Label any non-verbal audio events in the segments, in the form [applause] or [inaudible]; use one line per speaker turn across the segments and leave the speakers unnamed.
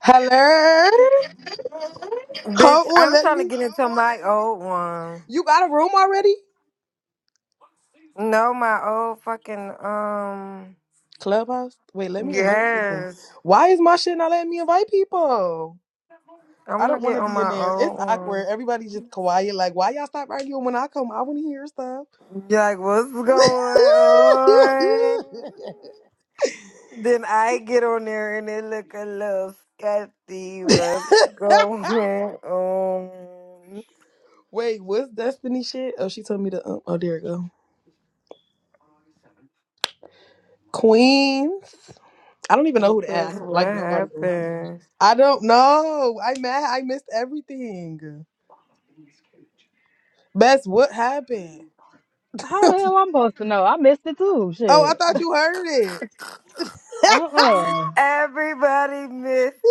Hello? Hold
Bitch,
on,
I'm
let
trying to
me.
get into my old one.
You got a room already?
No, my old fucking um.
Clubhouse? Wait, let me invite people.
Yes,
Why is my shit not letting me invite people?
I'm
I
gonna
don't want
get
to
on
be in
my
there. It's
old one.
awkward. Everybody's just quiet. Like, why y'all stop arguing when I come? I want to hear stuff.
You're like, what's going on?
[laughs]
Then I get on there and it look a little sketchy. What's going on?
Wait, what's Destiny shit? Oh, she told me to. Um, oh, there it go. Queens. I don't even know who to add. I
Because
don't
what
like nobody.
happened?
I don't know. I mad. I missed everything. Best what happened?
How
[laughs]
the hell I'm supposed to know? I missed it too.
Oh,
Shit.
I thought you heard it. [laughs]
Uh-uh.
Everybody missed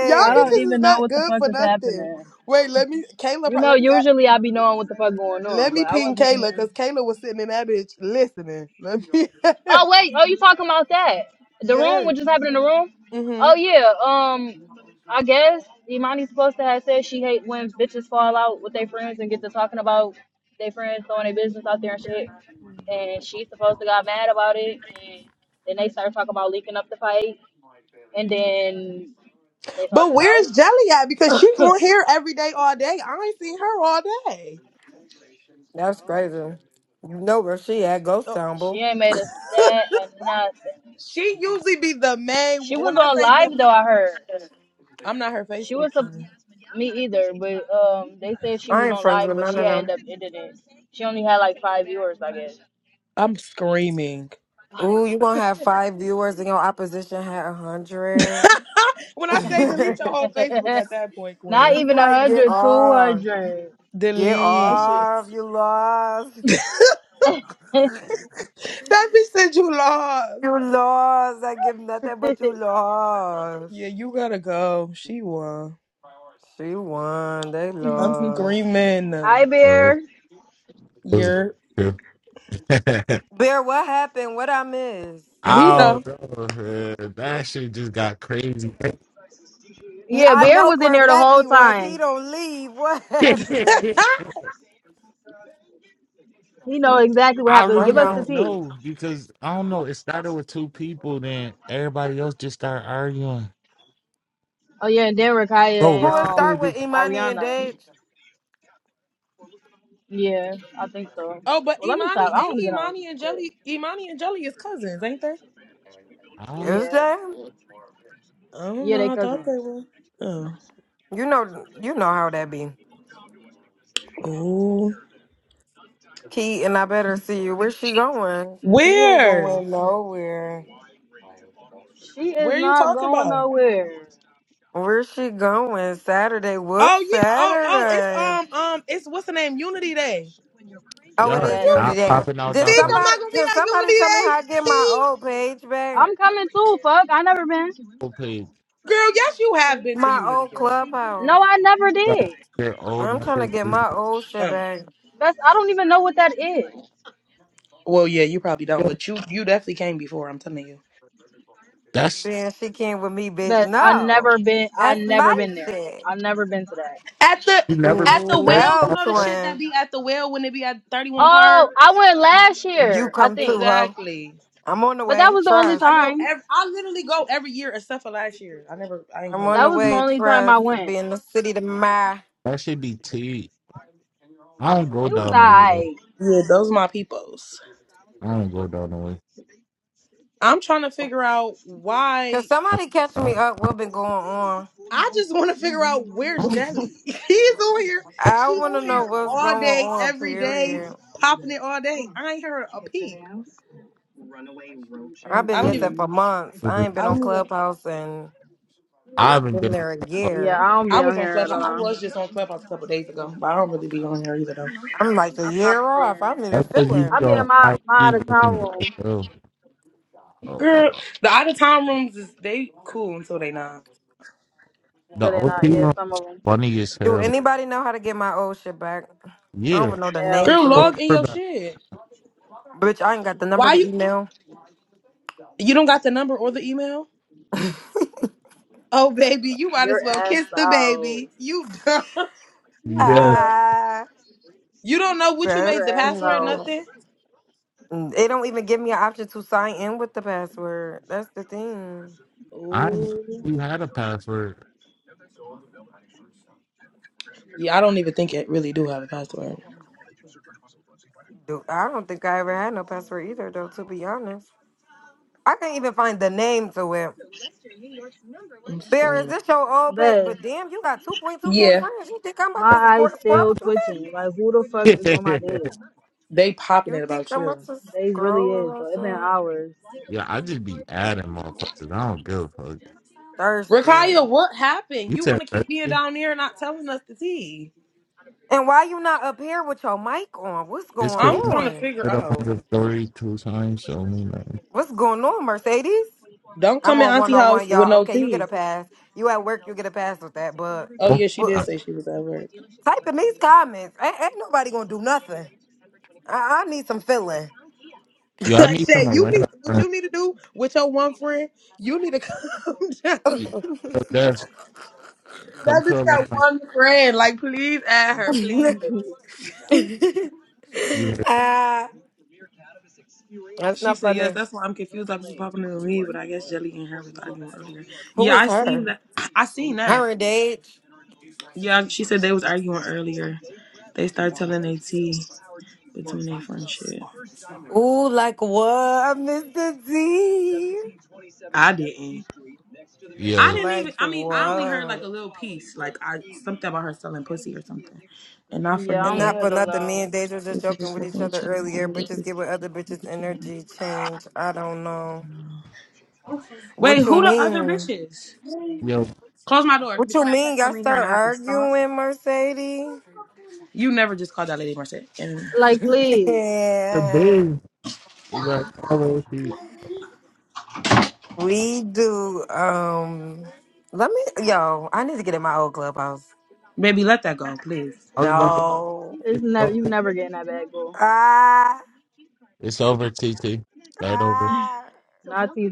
Y'all
I don't
bitches is
even know
not
what the
good
fuck
for
is
nothing.
happening.
Wait, let me Kayla
You
pro-
know,
let me act-
usually I be knowing what the fuck going
let
on,
me
but I
ping
wasn't
Kayla
even.
because Kayla was sitting in that bitch listening. Let me [laughs]
Oh wait. Oh, you talking about that? The room?
Yes.
What just happened in the room?
hmm
Oh yeah. Um, I guess Imani's supposed to have said she hate when bitches fall out with their friends and get to talking about their friends throwing their business out there and shit. And she's supposed to got mad about it. And then they started talking about leaking up the fight. And then they talked
But
it out.
where's Jelly at? Because she on here every day all day. I ain't seen her all day.
That's crazy. You know where she at, Ghost
Uh,
Town,
She
boo.
ain't made a stat or nothing.
She usually be the main
She was
when I
on
say the
live though. I heard
I'm not her
she
Facebook
was a
friend.
me either, but um, they said she
I
was
ain't
on
friends
live,
with
but
none
she
of
had
them.
ended up ended it. She only had like five viewers, I guess.
I'm screaming.
Ooh, you gonna have five viewers and your opposition had a
[laughs]
hundred.
when
[laughs]
I say delete your
it's
whole Facebook
[laughs]
at that point,
Not
Queen.
even a
like get
hundred, two
off.
hundred.
Get
Delete.
That
off. You lost.
[laughs]
shit.
That bitch said you lost.
You lost. I give nothing but you lost.
Yeah, you gotta go. She won.
She won. They
I'm
[laughs]
lost.
screaming. uh,
Hi,
know,
Bear.
was-
You're
[laughs]
Bear, what happened? What I missed?
he
I
know.
don't know. [laughs] Man. That shit just got crazy.
Yeah,
Yeah,
I
Bear
know
was in
for a
there the
fact
whole
he was.
time.
He don't leave. [laughs] What
[laughs]
[laughs]
happened?
He know exactly what
I
happened.
Bring
really
Give us
him.
the
don't
tea.
know because I don't know. It started with two people, then everybody else just started arguing.
Oh yeah, and then Rakaya
Bro,
and
Who it
retire.
um
start with
Just,
Imani and
Ariana.
Dage?
Yeah, I think so.
Oh, but
Well, let me stop.
Imani
I don't
ain't
even know.
Imani and
Shit.
Jelly. Imani and Jelly is cousins, ain't they?
I don't know.
Is
Yeah,
that?
I don't
yeah, they
know. I thought
cousin.
they were. Oh.
You know, you know how that be.
Ooh.
Key and I better see you. Where's she going? Key ain't
Where?
going nowhere.
She is
Where are you
not
talking
going
about?
nowhere.
Where's she going? Saturday. What's
Oh yeah. Oh oh. It's
Saturday?
um um. It's what's the name? Unity Day.
Oh, it
Oh,
Y'all
is
that
You
day.
Unity
not
Day.
popping out
Did
down
think
on
I'm
the
somebody?
not gonna be
Can
at
somebody tell me how I
Unity
get my
Day?
old page back?
I'm coming too. Fuck, I never been.
old page.
Girl, yes, you have been to
My
Unity,
old
girl.
clubhouse.
No, I never
Like,
did.
Your old
I'm trying to
numbers.
get my old shit
Um,
back.
That's I don't even know what that is.
well, yeah, you probably don't, but you you definitely came before. I'm telling you.
That's
Then she came with me, bitch.
Best, I
No,
never been. I
that's
never
my
been there.
shit.
I never been to that.
At the
you never been
at
a
the
third.
well, you
No,
one.
know the
That's-
shit that
twin.
be at the well when it be at 31 Park.
Oh, I went last
You
year, I
come
think.
too, ho.
Exactly.
I'm on the
But that
way.
was the only
I
Trust.
go.
time.
Every, I literally go every year except for last year. I never. I ain't go
I'm on
last.
That
the
was the
way.
only time I
Trust.
went.
Be in the city tomorrow.
That should be T. I don't go
It was
down the way though.
alright.
Yeah, those my peoples.
I don't go down the way.
I'm trying to figure out
Can
why.
somebody catch
I
me up? What been going on?
I just want to figure out where's Jelly. [laughs] He's on here.
I
She
want
on
to know
here
what's
all
going
day,
on,
every day,
period.
popping it all day. I ain't heard a peep.
I've
I
been
don't
missing
even.
for months.
don't,
I ain't
I
been on
don't even.
Clubhouse and
I haven't
been
been. on
there a
that.
Yeah,
year.
I don't
I
be on
was on
here at
Clubhouse. I
all.
was just on Clubhouse a couple days ago, but I don't really be on there either though.
I'm like a
I popped
year off. I
in.
need a
That's because you
I
be
feeling.
be in
on
my,
IG
my out of
looking
town
good
room
as hell. Oh my
Girl,
god,
the out of town rooms is they cool until they not.
the
sitting
OP
out.
one
Yeah, some
is
of them.
funny as
Do
hell.
anybody know how to get my old shit back? I don't
Yeah,
even know the
Hell
name
Girl,
no.
to
what's
it.
log
up
in your
about
shit.
Bitch, I ain't got the number
Why
to
you
email.
you don't got the number or the email? Oh baby, you might as
Your
well
ass
kiss the
out.
baby. You done. [laughs]
it?
You
yo?
done.
Ah.
You don't know what you
Your
made
That's
the
ass
password,
out.
not-
nothing?
they don't even give me an option to sign in with the password. That's the thing.
I ain't-
Ooh.
you had a password.
Yeah, I don't even think it really do have a password.
Do I don't think I ever had no password either, though. To be honest, I can't even find the name to it.
I'm
Bear, is
screaming.
this your old page?
Best.
But damn, you got two point two k
Yeah.
friends. You think I'm about to
My eyes
scro-
[laughs] yeah,
scroll
still
through that?
twitching. Like, who the fuck is on my dick?
They popping
You
it
think
about
I'm about
you.
to
They really
scroll
is, though.
about
It's been
that?
hours.
I just be adding motherfuckers. I don't give a fuck.
Thirsty.
Rakaya, what happened?
You
You
said
want to keep being
thirty.
down there and not telling us the tea?
And why you not up here with your mic on? What's
It's because
going
I'm
I
trying to
on?
figure
put up on
out.
the story two times. Show me nothing.
What's going on, Mercedes?
Don't
I'm
come in
on one
Auntie
on
house
one,
with
y'all.
no
Okay, you get
tea.
a pass. You at work, you get a pass with that. But,
Oh
Oh,
yeah, she
but
did
uh,
I-
say she was at work.
type in these comments. Ain't, ain't nobody gonna do nothing. I, I need some feeling.
yo,
[laughs]
I
like
need some
said, you need
Atlanta
what
friends.
you need to do with your one friend. You need to [laughs] calm down.
Yo,
[laughs]
Des, come
That
to
bitch got
Atlanta.
one friend. Like, please add her,
[laughs] yeah,
please.
You, hear?
Ah, that's
She
not
said yes.
funny.
That's why I'm confused about people popping in the lead. but I guess Jelly and her was arguing earlier.
Who
Yeah,
is
I seen
her?
that. I seen that.
Her and Dage.
Yeah, she said they was arguing earlier. They started telling their tea. between their friendship.
Ooh, like what, Mr. D?
I didn't. I
yo,
didn't
Like
even. I mean, I only heard like
what?
a little piece, like I something about her selling pussy or something, and not for
I
And
don't need
nothing.
not for
it
nothing, me and
alone.
Deja
We
just
could
joking
just
with each
fucking
other
each other.
earlier. Bitches get with other bitches energy change. I don't know.
Wait,
What you
who the other
mean?
bitches?
yo,
Close my door
What you
before that
mean?
cat
Y'all
come in here and
start
I have to stomp.
arguing, Mercedes?
You never just called that lady Merced. And
Like,
[laughs]
please.
the
yeah.
big. You better cover if
We do. Um let me yo, I need to get in my old clubhouse.
baby, let that go, please.
was about to
No.
It's
it's
never you
over.
never getting that bag, boo.
Ah,
It's over, TT. Start over.
ah.
Not easy.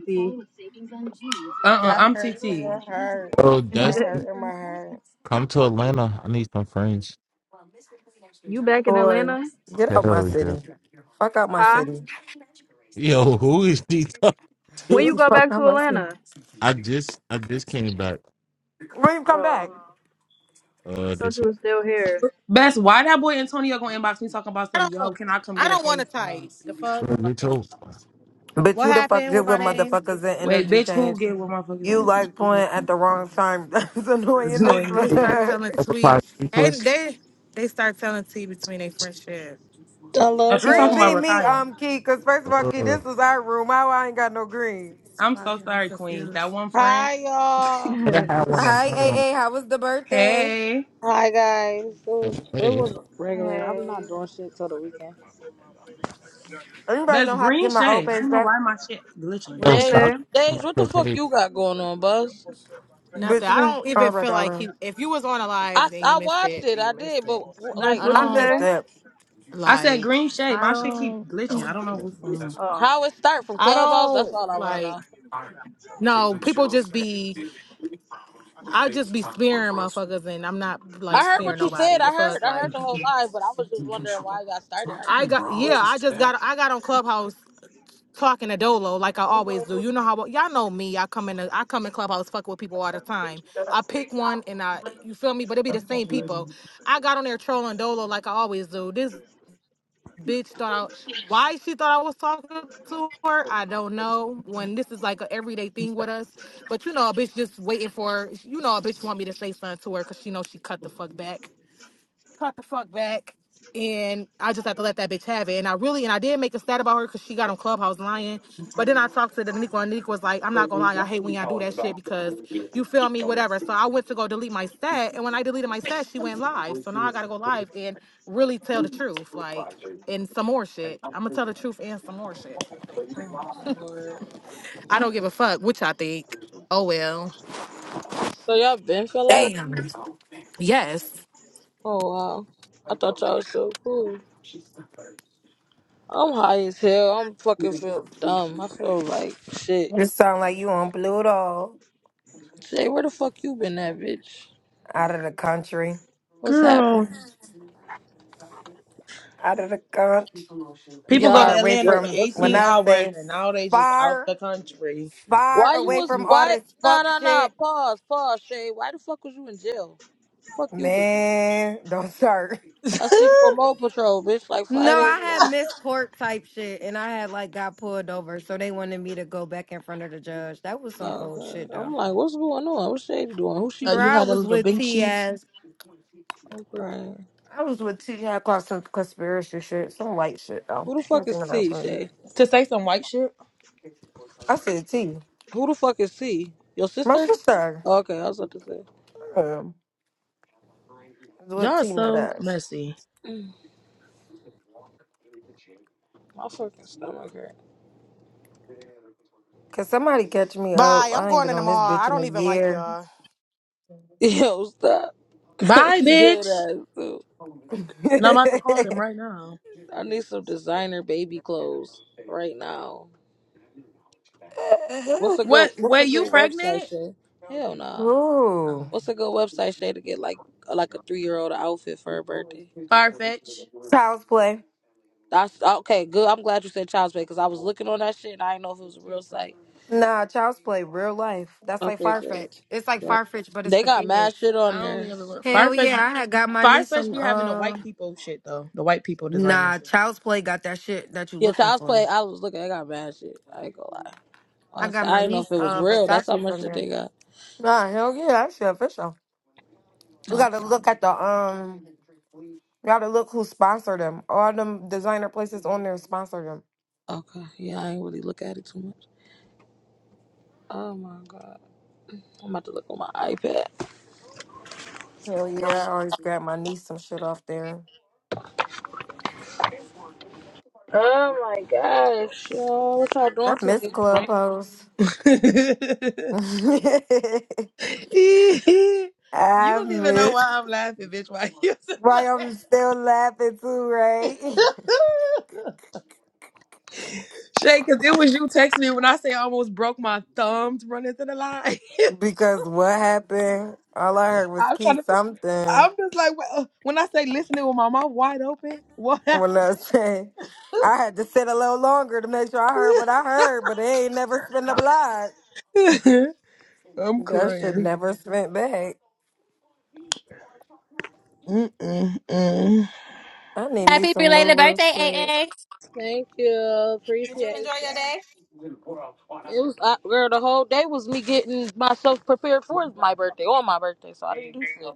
Uh uh i
Y'all
am
hurt in
TT.
my heart.
Yo,
Y'all
[laughs]
Dustin,
hurt in my heart.
come to Atlanta. I need some friends.
you back in
Boy,
Atlanta?
get out my
Hell yeah.
city. Fuck out my
Huh?
city.
Yo, who is he talking
When
to?
you
[laughs]
go
fuck,
back
I'm
to
listening.
Atlanta?
I just I just came back
Reem, come back.
Oh,
uh
I thought
this
you
week.
were still here.
Best, why that boy Antonio gonna inbox me talking about
I
some yo?
don't.
Can I come
I
get a
don't want to
face job?
type. The fuck.
Bro, you
Like,
too.
Bitch,
what
who the fuck
happened
did
with my
with
name?
motherfuckers and
Wait,
energy
bitch, who
change?
get what motherfuckers in
You
the
like playing at
team?
the
[laughs]
wrong time. [laughs] That's
You
annoying
know what
as
i
They start
fuck.
telling
Overclock
Tweet, and
replays.
they they start telling T between their friendship.
Oh,
Hello
she
Green
talking
guys.
about
beat me,
Rakaya.
um, Key, because first of all, Key,
Uh,
this is our room. How I ain't got no green.
I'm
Why
so
I'm
sorry, Queen. That
confused.
one friend.
Hi y'all.
and I
[laughs]
had one in
Hi,
my room.
A. A. How was the birthday?
Hey.
Hi guys. It
Hey,
was it
hey,
was regular. I'm
Hey.
not doing shit till the weekend.
Anybody
That's
know how to
green
get my old
shade. I
page
don't know
back?
why my shit glitching.
What
yo,
you
Days,
stop.
say?
what days?
talking about
What the
your
fuck
tape.
you got going on, Buzz?
Nothing. I
Bitch,
don't
all
even
right,
feel
all
like
right.
he. If you was on a live,
I
then you
I
missed
watched
it.
it.
Then you
I
missed
did, but
it.
wh- like,
That's
I
what
what
I
you
the
missed
don't
say?
fuck?
that.
I said
like.
green shade.
I
My shit keep
don't.
glitching. I don't know what's going on.
Oh.
How it start from
I
Clubhouse? That's all I
don't
want to
like.
know.
No, people just be. I just be spearing motherfuckers, and I'm not
I
like
heard
spearing
what you said.
nobody. The
I
fuck,
heard. I heard
like.
the whole live, but I was just wondering why it got started arguing
I got yeah,
today.
I just got I got on Clubhouse talking to Dolo like I always do. You know how y'all know me. I come in the- I come in Clubhouse fuck with people all the time. I pick one and I you feel me, but it be the same people. I got on there trolling Dolo like I always do. This bitch thought I why she thought I was talking to her, I don't know. When this is like a everyday thing with us, but you know, a bitch just waiting for you know a bitch want me to say something to her because she knows she cut the fuck back cut the fuck back. And I just had to let that bitch have it. And I really, and I did make a stat about her because she got on Clubhouse lying. But then I talked to the Nico, and Nico was like, I'm not gonna lie, I hate when y'all do that shit because you feel me, whatever. So I went to go delete my stat. And when I deleted my stat, she went live. So now I gotta go live and really tell the truth, like, and some more shit. I'm gonna tell the truth and some more shit. Like,
Oh Lord.
I don't give a fuck what y'all think. Oh well.
So y'all been fell out?
Damn.
Yes.
Oh wow. I thought y'all was so cool. I'm high as hell. I'm fucking feel dumb. I feel like shit.
You sound like you on Pluto.
Jay, where the fuck you been at, bitch?
Out of the country.
What's
Girl.
happening?
Out of the country.
People go to
Y'all
Far away
Atlanta for
bet
from when
18
listening.
I
hours
say
and now they just out
far,
the country.
Why
far
you
away
was
from all
why
this
nah
fuck
nah nah
shit.
pause, pause, Shay. Why the fuck was you in jail? Fuck you do.
Man, don't start.
[laughs]
I see you on mole patrol, bitch, like five
No,
days
I
ago.
had missed court type shit and I had like got pulled over, so they wanted me to go back in front of the judge. That was some old shit
Okay. I'm
though.
like, what's going on? What's Shay doing? Who she
uh,
Bro,
you
with?
I
had a
was
little
with T
benchy
as
I'm crying.
I was with T. I caught some conspiracy shit, some white shit though.
Who the fuck is
Nothing about
T,
clean.
Shay?
to say some white shit?
I said T.
Who the fuck is T? Your
My
sister?
sister.
Okay, I was about to say.
Um, I was with
Y'all
T nut
so
ass.
messy.
Mm, My fucking stomach hurt.
Cause somebody catch me up.
Bye. I'm
I ain't
going
been
in the
on this
mall. I
bitch in
don't
a
even like
year.
y'all.
Yo, stop. [laughs]
Bye,
she dead
bitch.
ass too.
[laughs]
And I'm about to call them right now.
I need some designer baby clothes right now. What's a good
What?
What's a
Wait, you
good website,
pregnant?
Shay? Hell nah.
Uh,
Ooh.
What's a good website, Shay, to get like like a three year old outfit for her birthday?
Farfetch.
Child's play.
That's okay. Good. I'm glad you said Child's Play because I was looking on that shit and I didn't know if it was a real site.
Nah, child's play, real life. That's like
Okay, good.
Farfetch. It's like
Yeah.
Farfetch, but it's
They
for
got mad
kids.
shit on
I don't
there.
even a
Hell
Farfetch
yeah, I had got my niece
Firefetch
some
be having the
uh
white people shit though. The white people designer
nah,
shit.
child's play got that shit that you
Yeah,
looking
Child's Play.
for.
I was looking. They got mad shit. I ain't gonna lie.
I
I,
got
said- I
my
didn't know
niece
if it was
uh
real. That's how
Versace
much
from
shit
there.
they got.
Nah, hell yeah, that shit official. We gotta
Okay.
look at the um Gotta look who sponsored them. All them designer places on there sponsor them.
Okay. Yeah, I ain't really look at it too much. Oh my god. I'm about to look on my iPad.
Hell yeah, I always grab my niece some shit off there.
Oh my gosh, y'all. What y'all
I
doing
miss
today?
Clubhouse. [laughs]
[laughs]
I
you don't even know
miss
why I'm laughing, bitch. Why you [laughs]
why
laugh?
I'm still laughing too, right?
Shay, cause it was you texting me when I say I almost broke my thumbs running through the line.
[laughs] because what happened? All I heard
[laughs]
was
I'm trying
key
to figure-
something
I'm just like well, when I say listening with my mouth wide open, what happened?
when I say I had to sit a little longer to make sure I heard what I heard, but they ain't never spin a block.
[laughs] I'm
That should
crying.
never spent back.
Mm-mm-mm.
I need me
Happy
some new
belated
little
birthday, A.
shit.
A.
Thank you.
Did you
Appreciate
enjoy your
that.
day?
It was I, girl, the whole day was me getting myself prepared for my birthday on my birthday, so I didn't do shit.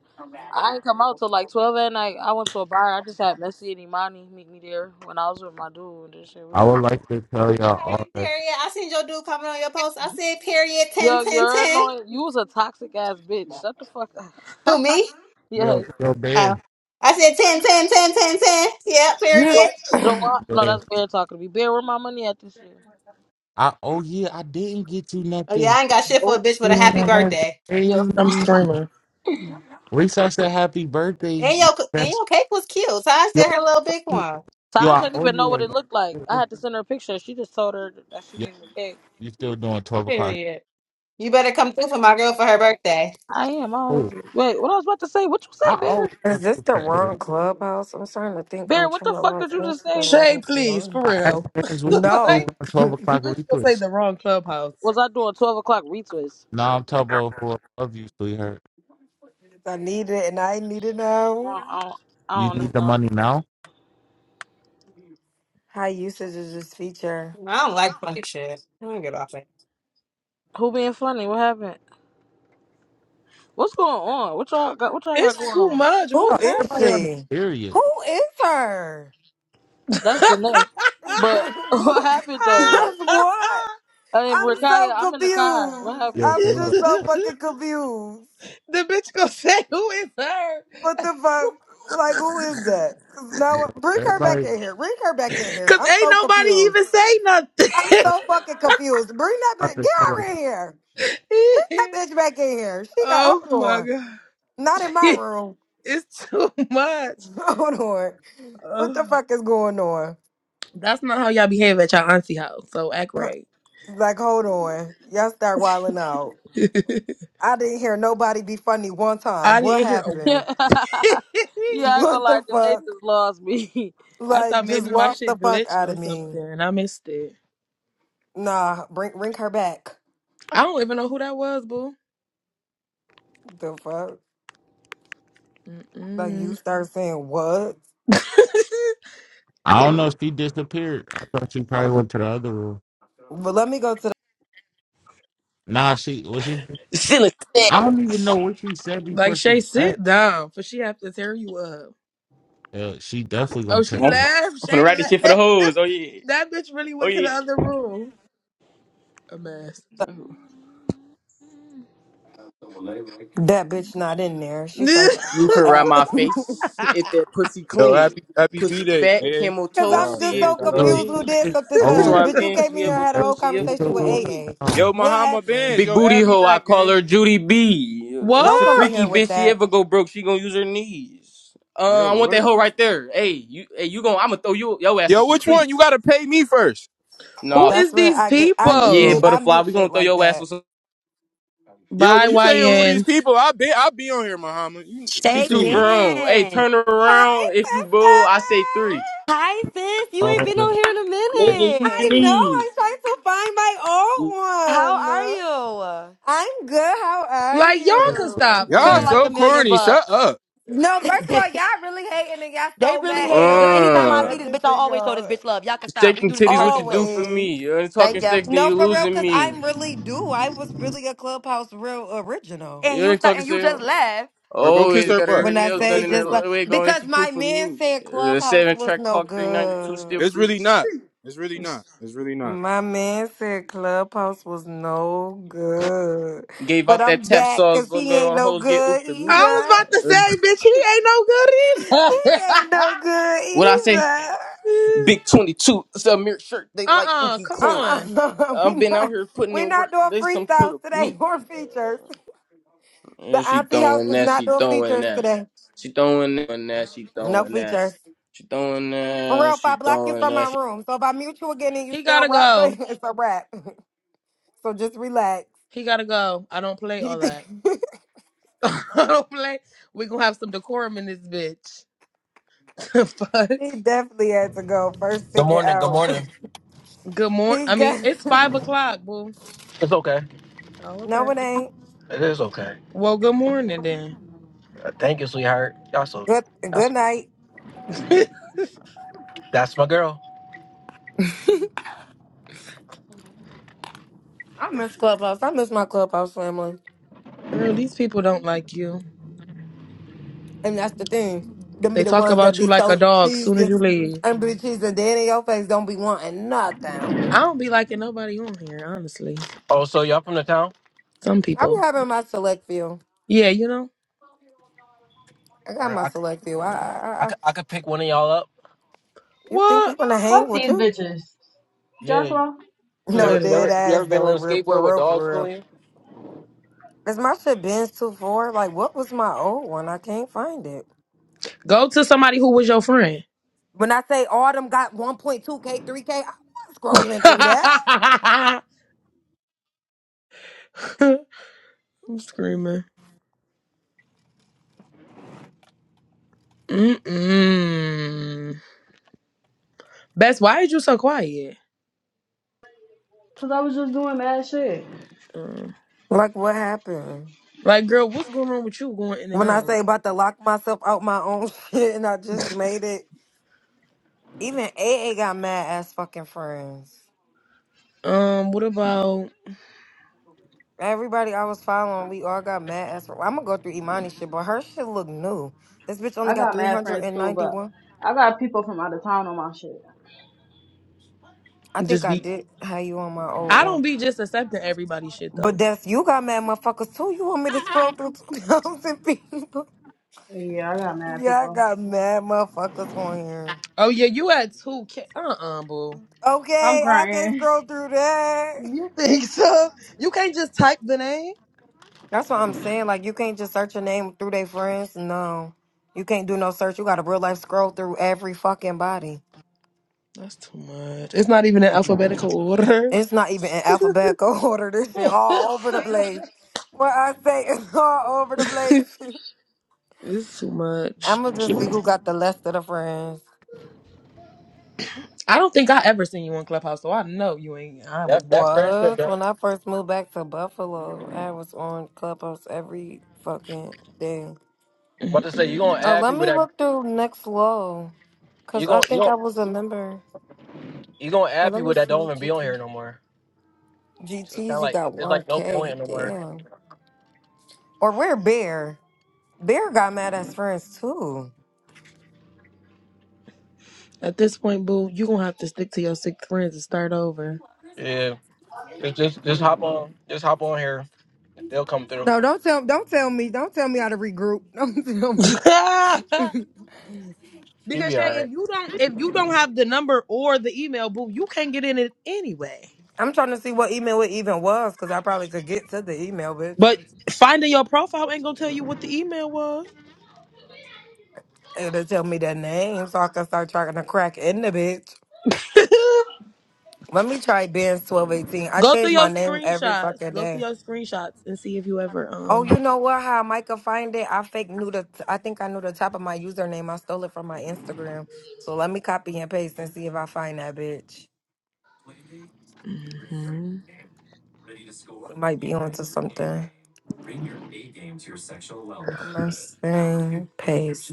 I didn't come out till like twelve at night. I went to a bar. I just had Messi and Imani meet me there when I was with my dude and this shit.
I
We
would
just
like to tell y'all
Okay,
all that.
period. I seen your dude comment on your post. I said, period, 10, 10,
Yo, you're
ten.
annoying. You was a toxic ass bitch. Shut the fuck
Who,
up.
me?
[laughs] yeah,
Yo, yo,
Oh.
Ben,
I said 10, 10, 10, ten, ten. Yeah,
[laughs]
period.
Jo- Joanne, no,
Ben.
that's Bear talking to me. Bear, where my money at this year?
I oh yeah, I didn't get you
Oh,
nothing.
yeah, I ain't got shit for a
Oh,
bitch with a
eating
happy
on that
birthday.
yes.
crazy.
I'm screaming.
Lisa said happy birthday.
And
You
your, and
best-
your cake was cute, so I
Yo,
said her little big one.
yo,
Taj
I
didn't
owe
even
you
know what
one.
it looked like. I had to send her a picture. She just told her that she
Yo,
needed a cake.
you still doing 12 o'clock.
Period. You better come through for my girl for her birthday.
I am. I always
Oh,
do. Wait, what I was about to say? What you
I
say, Bear?
always
Is
want
this
to
the
for
wrong
A.
clubhouse? I'm starting to think
Bear,
I'm
what
trying
the
to
fuck
log
did you just
into the
say?
Shay,
wrong
please,
one.
for
I asked
real. [laughs]
fans
like,
what you still
the
No,
doing
'cause
12 o'clock
bitch gonna say
request.
the wrong clubhouse.
Was I doing twelve o'clock retweets?
No, I'm talking about for love you, sweetheart.
I need it and I need to know.
I don't, I don't, I
You
don't
need
understand.
the
What
money
you're saying.
now?
High usage is this feature.
I don't like funny shit. I'm gonna get off of
Who being funny? What happened? What's going on? What y'all got? What y'all got
It's
going
too
on?
much.
Who
No,
What's
is
everybody on
happening?
the
she?
period.
Who is her?
[laughs]
That's the name.
[laughs]
But [laughs] what
what?
happened
[laughs]
though? Like
what?
I am
I'm
Rakaya.
so
I'm in the car. What
confused.
happened?
Yo,
What's
I'm
wrong?
Caleb,
just so
the
fucking confused.
bitch gonna say who is her?
What the fuck? Like, who is that? 'Cause Now, bring her back
everybody.
in here. Bring her back in here.
Cause
I'm
ain't
so
nobody
confused.
even say
I'm
nothing.
so fucking confused. Bring that
about
bitch.
to
Get
tell her.
her in here. Bring that bitch back in here.
[laughs]
She got.
oh
Hold
my
on.
god.
Not in my
[laughs]
room.
it's too much.
[laughs] Hold on. What the
Ugh.
fuck is going on?
That's not how y'all behave at y'all auntie house. So act
Huh,
right.
Like, hold on. Y'all start wilding out.
[laughs]
I didn't hear nobody be funny one time.
I
What
didn't hear a
happened?
[laughs]
[laughs]
[laughs]
yeah, I ain't gonna
What the
lie, Danae
fuck?
just lost me. [laughs]
I thought
Like, just
maybe my
lost the
shit
fuck
glitched
out
or
of me.
something and I missed it.
Nah, bring bring her back.
I don't even know who that was, boo.
The fuck? Like, you
Mm-mm.
start saying what?
[laughs]
I don't know. She disappeared. I thought she probably went to the other room.
But let me go to
Nah, she was she.
Feeling
I don't even
sex.
know what she said
like
before
Shay,
she left.
sit down, for she have to tear you up.
Uh, she definitely gonna
Oh, she
I'm,
text
I'm
me.
left.
finna
Shay
write this shit for the
left.
hoes. Oh yeah.
[laughs] that bitch really
Oh
went to the
yeah.
other room. A mess.
the, that bitch not in there. She's like,
You can ride
[laughs]
my face if
[laughs]
that pussy
Yo,
clean.
happy happy B
Pussy
day,
fat,
A.
camel
Cause
toe,
I'm
All
just
see
right,
it
A
so
through
got
the
off.
So,
confused who did
jeans.
it's
something to
So
all
her.
I'm
Bitch, you
then
came
she
in here
she
and
ever
had a
ever
cool,
whole
she
did
ever
conversation
was
cool
with
all
with
I
me.
AA.
saw.
Yo,
What
Mahama Benz,
happened?
Big
yo,
booty
add me
hoe, I
back,
call
gang.
her Judy B. It's
Don't
a
come in
what?
freaky
here with
bitch. She
that.
ever go broke, she gonna use her knees. Uh,
Yo,
I want that
what?
hoe right there. Hey, you, hey, you gonna? I'ma throw you your ass on
Yo,
some
which one? You
cleats.
gotta pay me first.
Who
No,
is
That's when
these
I get I just
yeah,
mute
people?
I
butterfly,
mute
we gonna
shit
throw
like
your ass on
that.
some.
Yo,
Bye,
but you saying who these
YNs.
people? I be I be on here, Muhammad. You you
She
Shay
too
see me?
grown. Hey,
Ben.
turn her
Hi,
around. If you
sister.
bull, I say three.
Hi, sis. You ain't
All
been on
the
here in a
Nigga, use your
minute.
I know
knees.
I'm trying to find my
How
old one.
are you?
I'm good. How are
Like y'all can stop
you?
for
Y'all
you
Feeling
know,
like
so
a
real.
million
corny. Shut
bucks.
up,
No,
[laughs]
first of
they
all, y'all really hating and y'all so
really
mad. Ain't
hating because
nobody
anytime
say
I see
Uh,
this
nothing
bitch, I
to
always show this
y'all.
bitch love. Y'all can stop.
shake
We
them
do this in
titties. What
person
you do
too.
for
Always.
me? You ain't talking
Thank ya.
sex, then
No,
you
for real,
losing
because
me.
I'm really do. I was really a Clubhouse real original.
And
You
you
ain't
start,
talking
and you
sex.
just left.
or go kiss
Always
her
got her,
butt.
her
When I
nails
Go
done
say
kiss
in
her
just
butt.
like
her way going.
because
She cool
my
for
man
me.
said
The
Clubhouse
seven
was
track
no
clock, three ninety two, still
good.
It's
cruising.
really not. It's really not. It's really not.
My man said Clubhouse was no good.
Gave
But
out that
I'm
tap
back
sauce.
because
Look,
he
all
ain't
the
no
hoes get oop
good
to me.
either. [laughs]
[laughs]
I was about to
Uh,
say, bitch, he ain't no
He
good
ain't
either.
no good
What I say?
either.
Big twenty two. It's a mirror shirt. They
[laughs] uh
like ooh,
uh
he
come
clean.
on.
Uh-uh. [laughs] we
I've been out
not
here putting
we
in
not
work.
doing
There's some proof
freestyles
of
today [laughs]
me.
or features.
And
The
she
auntie house
throwing
is
that,
not
she
doing
throwing
features
that.
today.
She throwing that, she
No
throwing that.
features.
She throwing
For
that,
real, if I
she
block you
throwing
from my
that,
room, so if I mute you again and you
He
still
gotta
rapping,
go.
[laughs] it's a rap. [laughs] So just relax.
He gotta go. I don't play
He
all
de-
that. [laughs] I don't play. We gonna have some decorum in this bitch. [laughs] Fuck.
[laughs] he definitely had to go first
Good
ticket
morning. Good
out.
morning.
Good
[laughs]
morning.
he
I mean,
got
it's five o'clock, boo.
It's okay.
Oh,
[laughs]
okay.
no, it ain't.
It is okay.
Well, good morning
Mm-mm.
then.
Uh, Thank you, sweetheart. Y'all so,
Good
y'all
good
so,
night.
[laughs]
that's my girl.
I miss clubhouse. I miss my clubhouse family,
Girl, these people don't like you.
and that's the thing. Them
They
be the
talk
ones that
about you
be
like a
so
dog soon as
cheesy
you leave.
and be cheesy dead in your face. Don't be wanting nothing.
I don't be liking nobody on here, honestly.
Oh, so y'all from the town?
Some
I be
people.
having my select few.
Yeah, you know?
I got
Or
my
I, c-
select few. I, I,
I,
I I-
c- I could pick one of y'all up.
you think we
What?
gonna hang
Fuck
with
these
you?
bitches.
Yeah.
Just law.
You
No
ever, you
Literally.
dead
ever, you ever
ass
been
though. It
on a
real,
skateboard
for
with
real,
dogs
for real.
pulling you?
Is my shit been too far? Like, what was my old one? I can't find it.
Go to somebody who was your friend.
When I say autumn got 1.2k, 3k, I was
[laughs]
scrolling through
I'm
that.
screaming. Mm-mm. Bess, why are you so quiet?
Cause I was just doing mad shit.
Uh,
Like, what happened?
like, girl, what's going on with you going in and
When I
out?
say about to lock myself out my own [laughs] shit and I just made it. Even A A got mad ass fucking friends.
Um, what about
Everybody I was following, we all got mad ass. I'm gonna go through Imani shit, but her shit look new. This bitch only
I
got
got mad friends too, but
391.
I got people from out of town on my shit.
I think
just
I
be?
did have you on my old
I
one.
don't be just accepting everybody's shit though.
But that's you got mad motherfuckers too. You want me to scroll through [laughs] two thousand people?
Yeah, I got mad
Yeah, I
people.
got mad motherfuckers on here.
Oh yeah, you had two. K- uh-uh, boo.
I'm
Okay, I can not
crying.
scroll through that.
You think so? You can't just type the name.
That's what I'm saying. Like you can't just search your name through their friends. No. You can't do no search. You gotta real life scroll through every fucking body.
That's too much. It's not even in alphabetical order.
It's not even in alphabetical [laughs] order. This shit all
[laughs]
over the place. What I say is all over the place.
it's too
[laughs]
much.
I'ma just see who got the less of the friends.
I don't think I ever seen you on Clubhouse, so I know you ain't. I
That,
wasn't your
that
friend.
friendship.
Was
Don't,
when I first moved back to Buffalo, I was on Clubhouse every fucking day.
about to say you gonna
Mm-mm.
Oh,
add
let
people
me
that
look through Next Low,
you
cause I
gonna, you
think
gonna,
I was a member.
you gonna
Or
add
let
people
me
that
see
don't even be on
GT.
here no more. So it's kind of
GTs, you
like
got
it's
one
like no
K.
point no more.
Damn. Or where Bear? Bear got mad as friends too.
At this point, boo, you gonna have to stick to your six friends and start over.
Yeah. Just, just, just hop on. Just hop on here. They'll come through.
No, don't tell don't tell me. Don't tell me how to regroup. [laughs] Don't tell
[laughs] because
me.
You be all
Shay,
right.
if you don't, if you don't have the number or the email, boo, you can't get in it anyway.
I'm trying to see what email it even was, cause I probably could get to the email, bitch.
But finding your profile ain't gonna tell you what the email was.
It'll tell me the name, so I can start trying to crack in the bitch.
[laughs]
Let me try being 1218. I
Go through
change my
your
name every
screenshots.
fucking
Go through
day.
your screenshots and see if you ever
Oh,
um.
you know what? How Micah find it? I fake knew the. I think I knew the top of my username. I stole it from my Instagram. So let me copy and paste and see if I find that bitch.
hmm
It might be onto something. I'm gonna saying paste.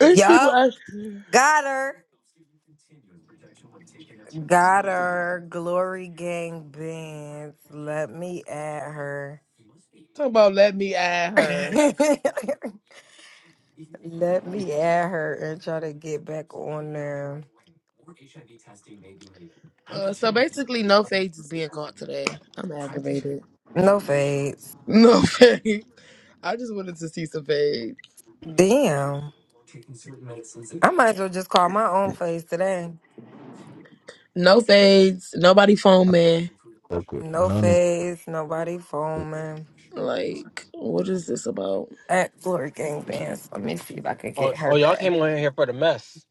These people
Yup,
ask
got her. Got her. Glory gang bands. Let me add her.
talking about let me add her.
Let me add her and try to get back on there.
Uh, so basically, no fades is being caught today. I'm aggravated.
No fades.
No [laughs] fades. I just wanted to see some fades.
Damn. I might as well just call my own face today.
No fades. Nobody phone man.
fuck with
No
none of-
face, nobody foaming.
Like, what is this about?
At Glory Gang Dance. Let me see if I could
Oh,
get her
oh, y'all
back.
came on here for the mess.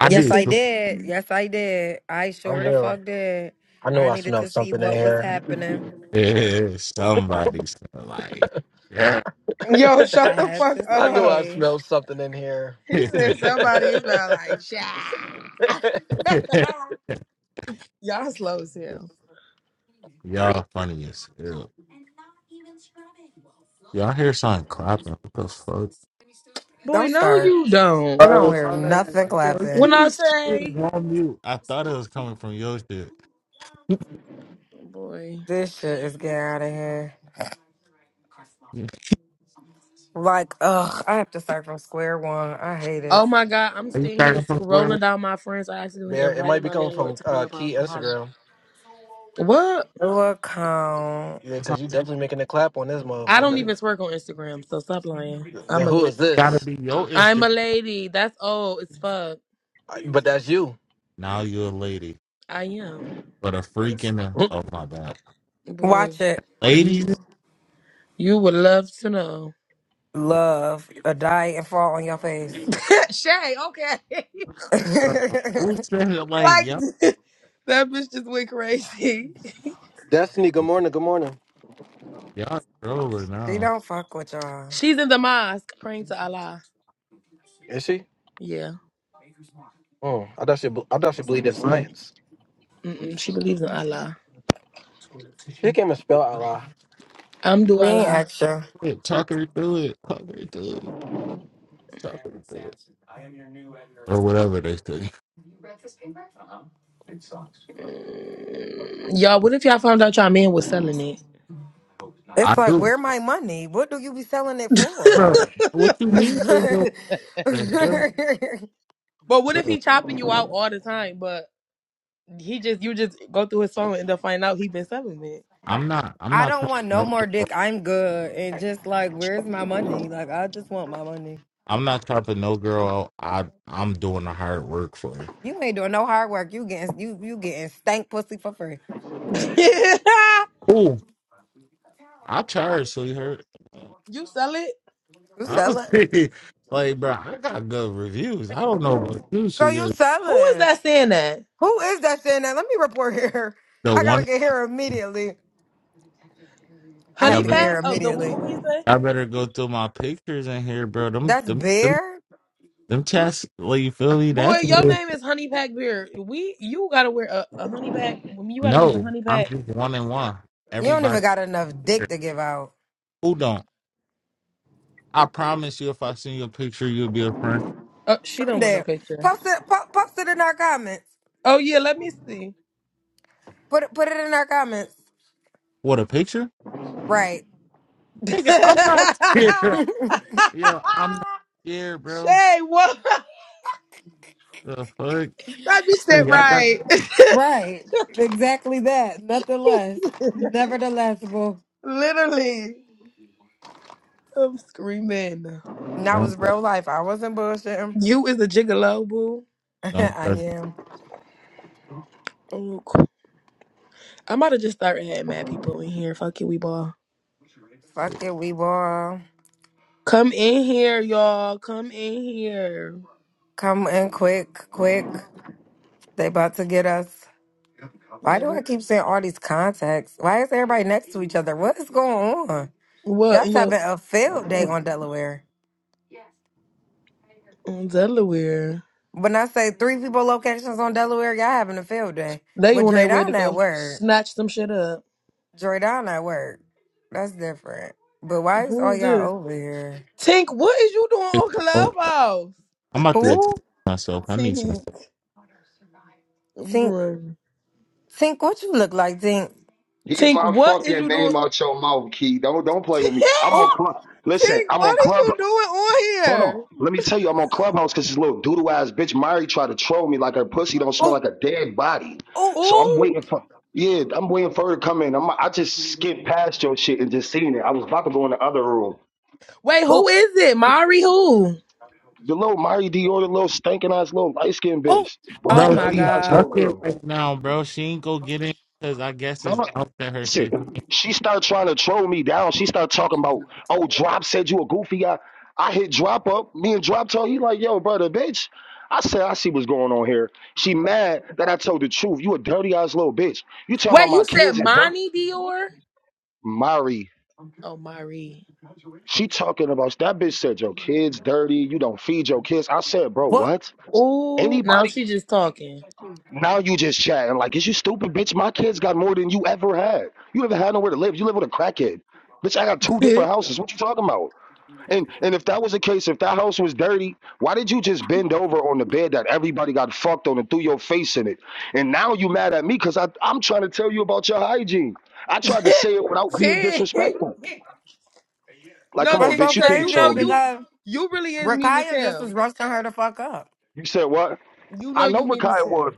I
Yes,
did.
I
cook-
Basically,
did. Yes, I did. I
I'm
sure the
real.
fuck did.
I knew
I
I
needed
smelled
to see
something in
what was
here.
happening.
Yeah, somebody's gonna like, yeah.
Yo, shut
I
the
had
fuck
to
[laughs] I knew
up.
I
see.
smelled something in here.
He
[laughs]
said somebody is not like shy.
[laughs]
[laughs] y'all slow as hell.
Y'all funny as hell. Y'all hear something clapping? What the fuck?
Boy,
Don't
no,
start.
you don't.
You don't
Oh,
hear
my man.
nothing
Yo,
clapping.
When
keep
I
it
say,
chill, on mute. I thought it was coming from your shit.
boy,
This shit is getting out of here.
Are
Like, ugh, I have to start from square one. I hate
oh
it.
my god, I'm
you
sitting here
starting from square
scrolling down my friends. I accidentally
Bear, it
invited
might be
my
coming
landlord
from
to
uh,
Clubhouse.
Key
I'm hollering.
Instagram.
What?
Look, um,
Yeah,
one?
because you definitely making a clap on this
I don't
motherfucker.
even twerk on Instagram, so stop lying.
Then
I'm a
who
lady.
is
gotta
this?
be your
I'm
Instagram.
a lady. That's old as fuck.
I- But that's you.
Now you're a lady.
I am.
But a freaking
[laughs]
oh my god.
Boy,
watch it,
Ladies
you you would love to know.
love, or die and fall on your face.
[laughs] Shay, okay.
[laughs] she
[laughs]
bro, who said it like
like
y'all
[laughs] that bitch just went crazy. [laughs]
Destiny, good morning, good morning.
y'all trolling now.
don't fuck with y'all.
She's in the mosque praying to Allah.
Is she?
Yeah.
Oh, I thought she, I thought she believed in science.
Mm-mm, she believes in Allah.
She came and spell Allah.
I'm do
We ain't
Allah.
extra.
Quit, Talk her through it. Talk her through it. Talk her through it. Or whatever they say.
Mm, y'all, what if y'all found out y'all man was selling it?
I
It's like,
do.
where my money? What do you be selling it for?
Bro,
[laughs]
what you mean when you the hell?
[laughs]
but what if
Bro,
he chopping you out all the time? But He just you just go through his song and end up finding out he been selling
I'm not I'm
I
not
don't
talking
want no
no
more
girl.
dick. I'm good. And just like, where's my money? Like, I just want my money.
I'm not talking no girl I I'm doing the hard work for her.
You ain't doing no hard work. You getting you you getting stank pussy for free.
it.
Oh, I charge, sweetheart.
[laughs] you sell it?
You
loud.
sell it.
Honestly, [laughs] like, bro, I got good reviews. I don't know about you, so
So you
you're
sell
Who is
it.
that saying that?
Who is that saying that? Let me report here. [laughs]
the
I gotta
one.
get here immediately. I have
Y'all
Honey
to get
better,
Pat
here
of the
immediately.
who he say?
y'all better go through my pictures in here, bro. Them,
That's
them, them,
bear.
them chats. Like, you feel me?
Boy,
That's
your
real.
name is Honey Pack Beard. We you gotta wear a, a honey pack. You gotta use a
No,
honey
I'm
pack.
just one and one.
You don't even
Everybody
got enough
here.
dick to give out.
who don't. I promise you, if I send you a picture, you'll be a friend.
Oh, she don't want no
Sunday.
picture.
Post it. Po- post it in our comments.
Oh yeah, let me see.
Put it. Put it in our comments.
What a picture,
Right.
[laughs]
nigga! I'm not [laughs] scared.
[laughs]
Yo, I'm not scared, bro.
Shay, what?
The fuck,
That bitch
Hey,
said
y'all got
right. [laughs]
Right. Exactly that. Nothing less. Nevertheless, boo.
Literally, I'm screaming.
And That was
don't touch,
real life. I wasn't bullshitting.
You is a gigolo, boo.
[laughs]
don't
I
touch.
am.
Oh, I'm about to just start having mad people in here. Fuck it, we ball.
Fuck it, we ball.
Come in here, y'all. Come in here.
Come in quick, quick. They about to get us. Why
They
do I
were-
keep saying all these contacts? Why is everybody next to each other? What is going on?
What?
Y'all's
You know,
having a field day on Delaware.
in Delaware.
When I say three people locations on Delaware, y'all having a field day.
They
But
on their way to
Draydon at
go
work.
snatch some shit up.
Draydon at work. That's different. But why is all
Who's
y'all
this?
over here?
Tink, what is you doing
It's-
on
oh,
Clubhouse?
I'm about to
Who?
explain myself. I need some.
Tink. I'm
Think
crying.
think what you look like, Think.
Keep
Tink,
my
what is
fucking
you
name
doing?
out your mouth, Key. Don't don't
[laughs]
play with me. I'm
Tink,
on
Oh,
club. Listen, I'm on
what is
club.
you doing on
Hold on.
here?
Let me tell you, I'm on Clubhouse because this little doodle ass bitch Mari tried to troll me like her pussy don't smell
oh,
like a dead body.
oh,
So I'm
Ooh.
waiting for. Yeah, I'm waiting for her to come in. I'm, I just skipped past your shit and just seen it. I was about to go in the other room.
Wait,
oh,
who is it? Mari who?
The little Mari Dior, the little stinking ass little light skinned
oh.
bitch, bum
Oh
Bro,
my
dirty
she's
ass little
god.
stuck it
girl.
right now, bro. She ain't go get it because I guess
No,
it's
no.
out that her shit.
Listen, she started trying to troll me down. She started talking about, oh, Drop said you a goofy guy. I hit Drop up. Me and Drop told he like, yo, brother, bitch. I said, I see what's going on here. She mad that I told the truth. You a dirty ass little bitch. You talking
Wait,
about my
you said
kids is dirty.
Monty Dior?
Mari,
Oh, Mari.
she talking about that bitch said your kids dirty. You don't feed your kids. I said, bro,
What
what?
Oh, now
Anybody
she just talking.
Now you just chatting like, is you stupid, bitch? My kids got more than you ever had. You never had nowhere to live. You live with a crackhead, bitch. I got
[laughs]
two different houses. What you talking about? And and if that was the case, if that house was dirty, why did you just bend over on the bed that everybody got fucked on and threw your face in it? And now you mad at me because I I'm trying to tell you about your hygiene. I tried to say it without being
Tick.
disrespectful. Like,
No,
come on,
that's
Tick,
so
bitch, you
because
can't
you know
troll
crazy
me.
you
because
you really is mean as
Rakaya just was
hell.
roasting her to fuck up.
You said what?
You
I
know
know
you mean as
Rakaya was.
hell.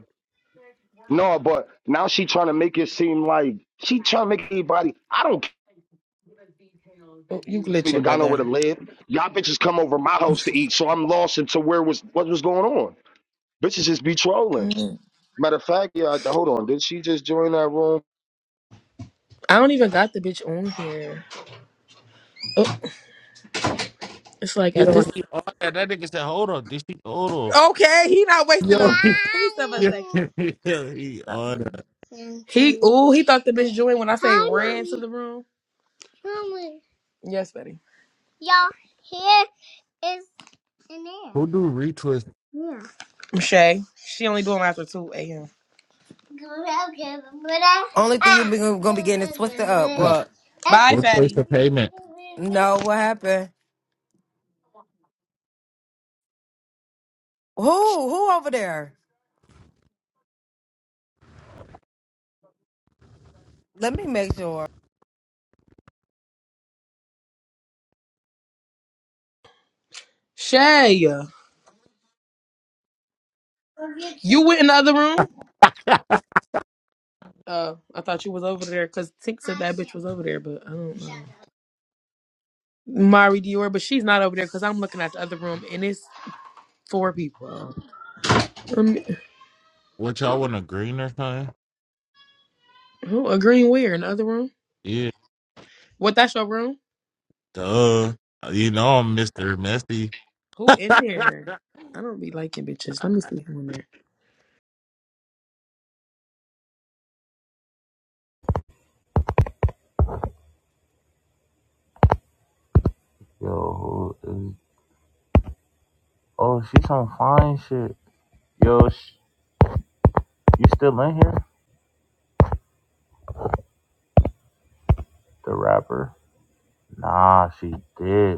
No, but now she trying to make it seem like she trying to make anybody. I don't
Oh, you
even
glitching,
got nowhere to
brother.
live. Y'all bitches come over my house to eat, so I'm lost into where was what was going on. Bitches just be trolling.
Mm.
Matter of fact, yeah, hold on. Did she just join that room?
I don't even got the bitch on here. Oh, it's like at
Yo,
this.
he on that. That nigga said, hold on. Did she hold on?
Okay, he not wasting a
Yo, he,
piece of a
yo,
second.
[laughs] yo, he
Stop
on
it.
that.
He oh he thought the bitch joined when I say ran to the room. Yes, buddy. Y'all here is in there.
Who do retwist?
Yeah. Shay. She only do them after 2 a.m.
Only thing you be gonna be getting is twisted up.
[laughs]
What?
Bye,
what place
fatty.
the payment?
No, what happened? Who? Who over there? Let me make sure.
Shay. You went in the other room? Uh, I thought you was over there because Tink said that bitch was over there, but I don't know. Mari Dior, but she's not over there because I'm looking at the other room and it's four people. Um,
What y'all want a green or something?
who agreeing where in the other room?
Yeah,
What? That's your room?
duh. You know I'm Mr. Messy.
Who in there? I don't be liking bitches. Let me see who in there.
Yo, who is? Oh, she's on fine shit. Yo, sh- you still in here? The rapper? Nah, she did.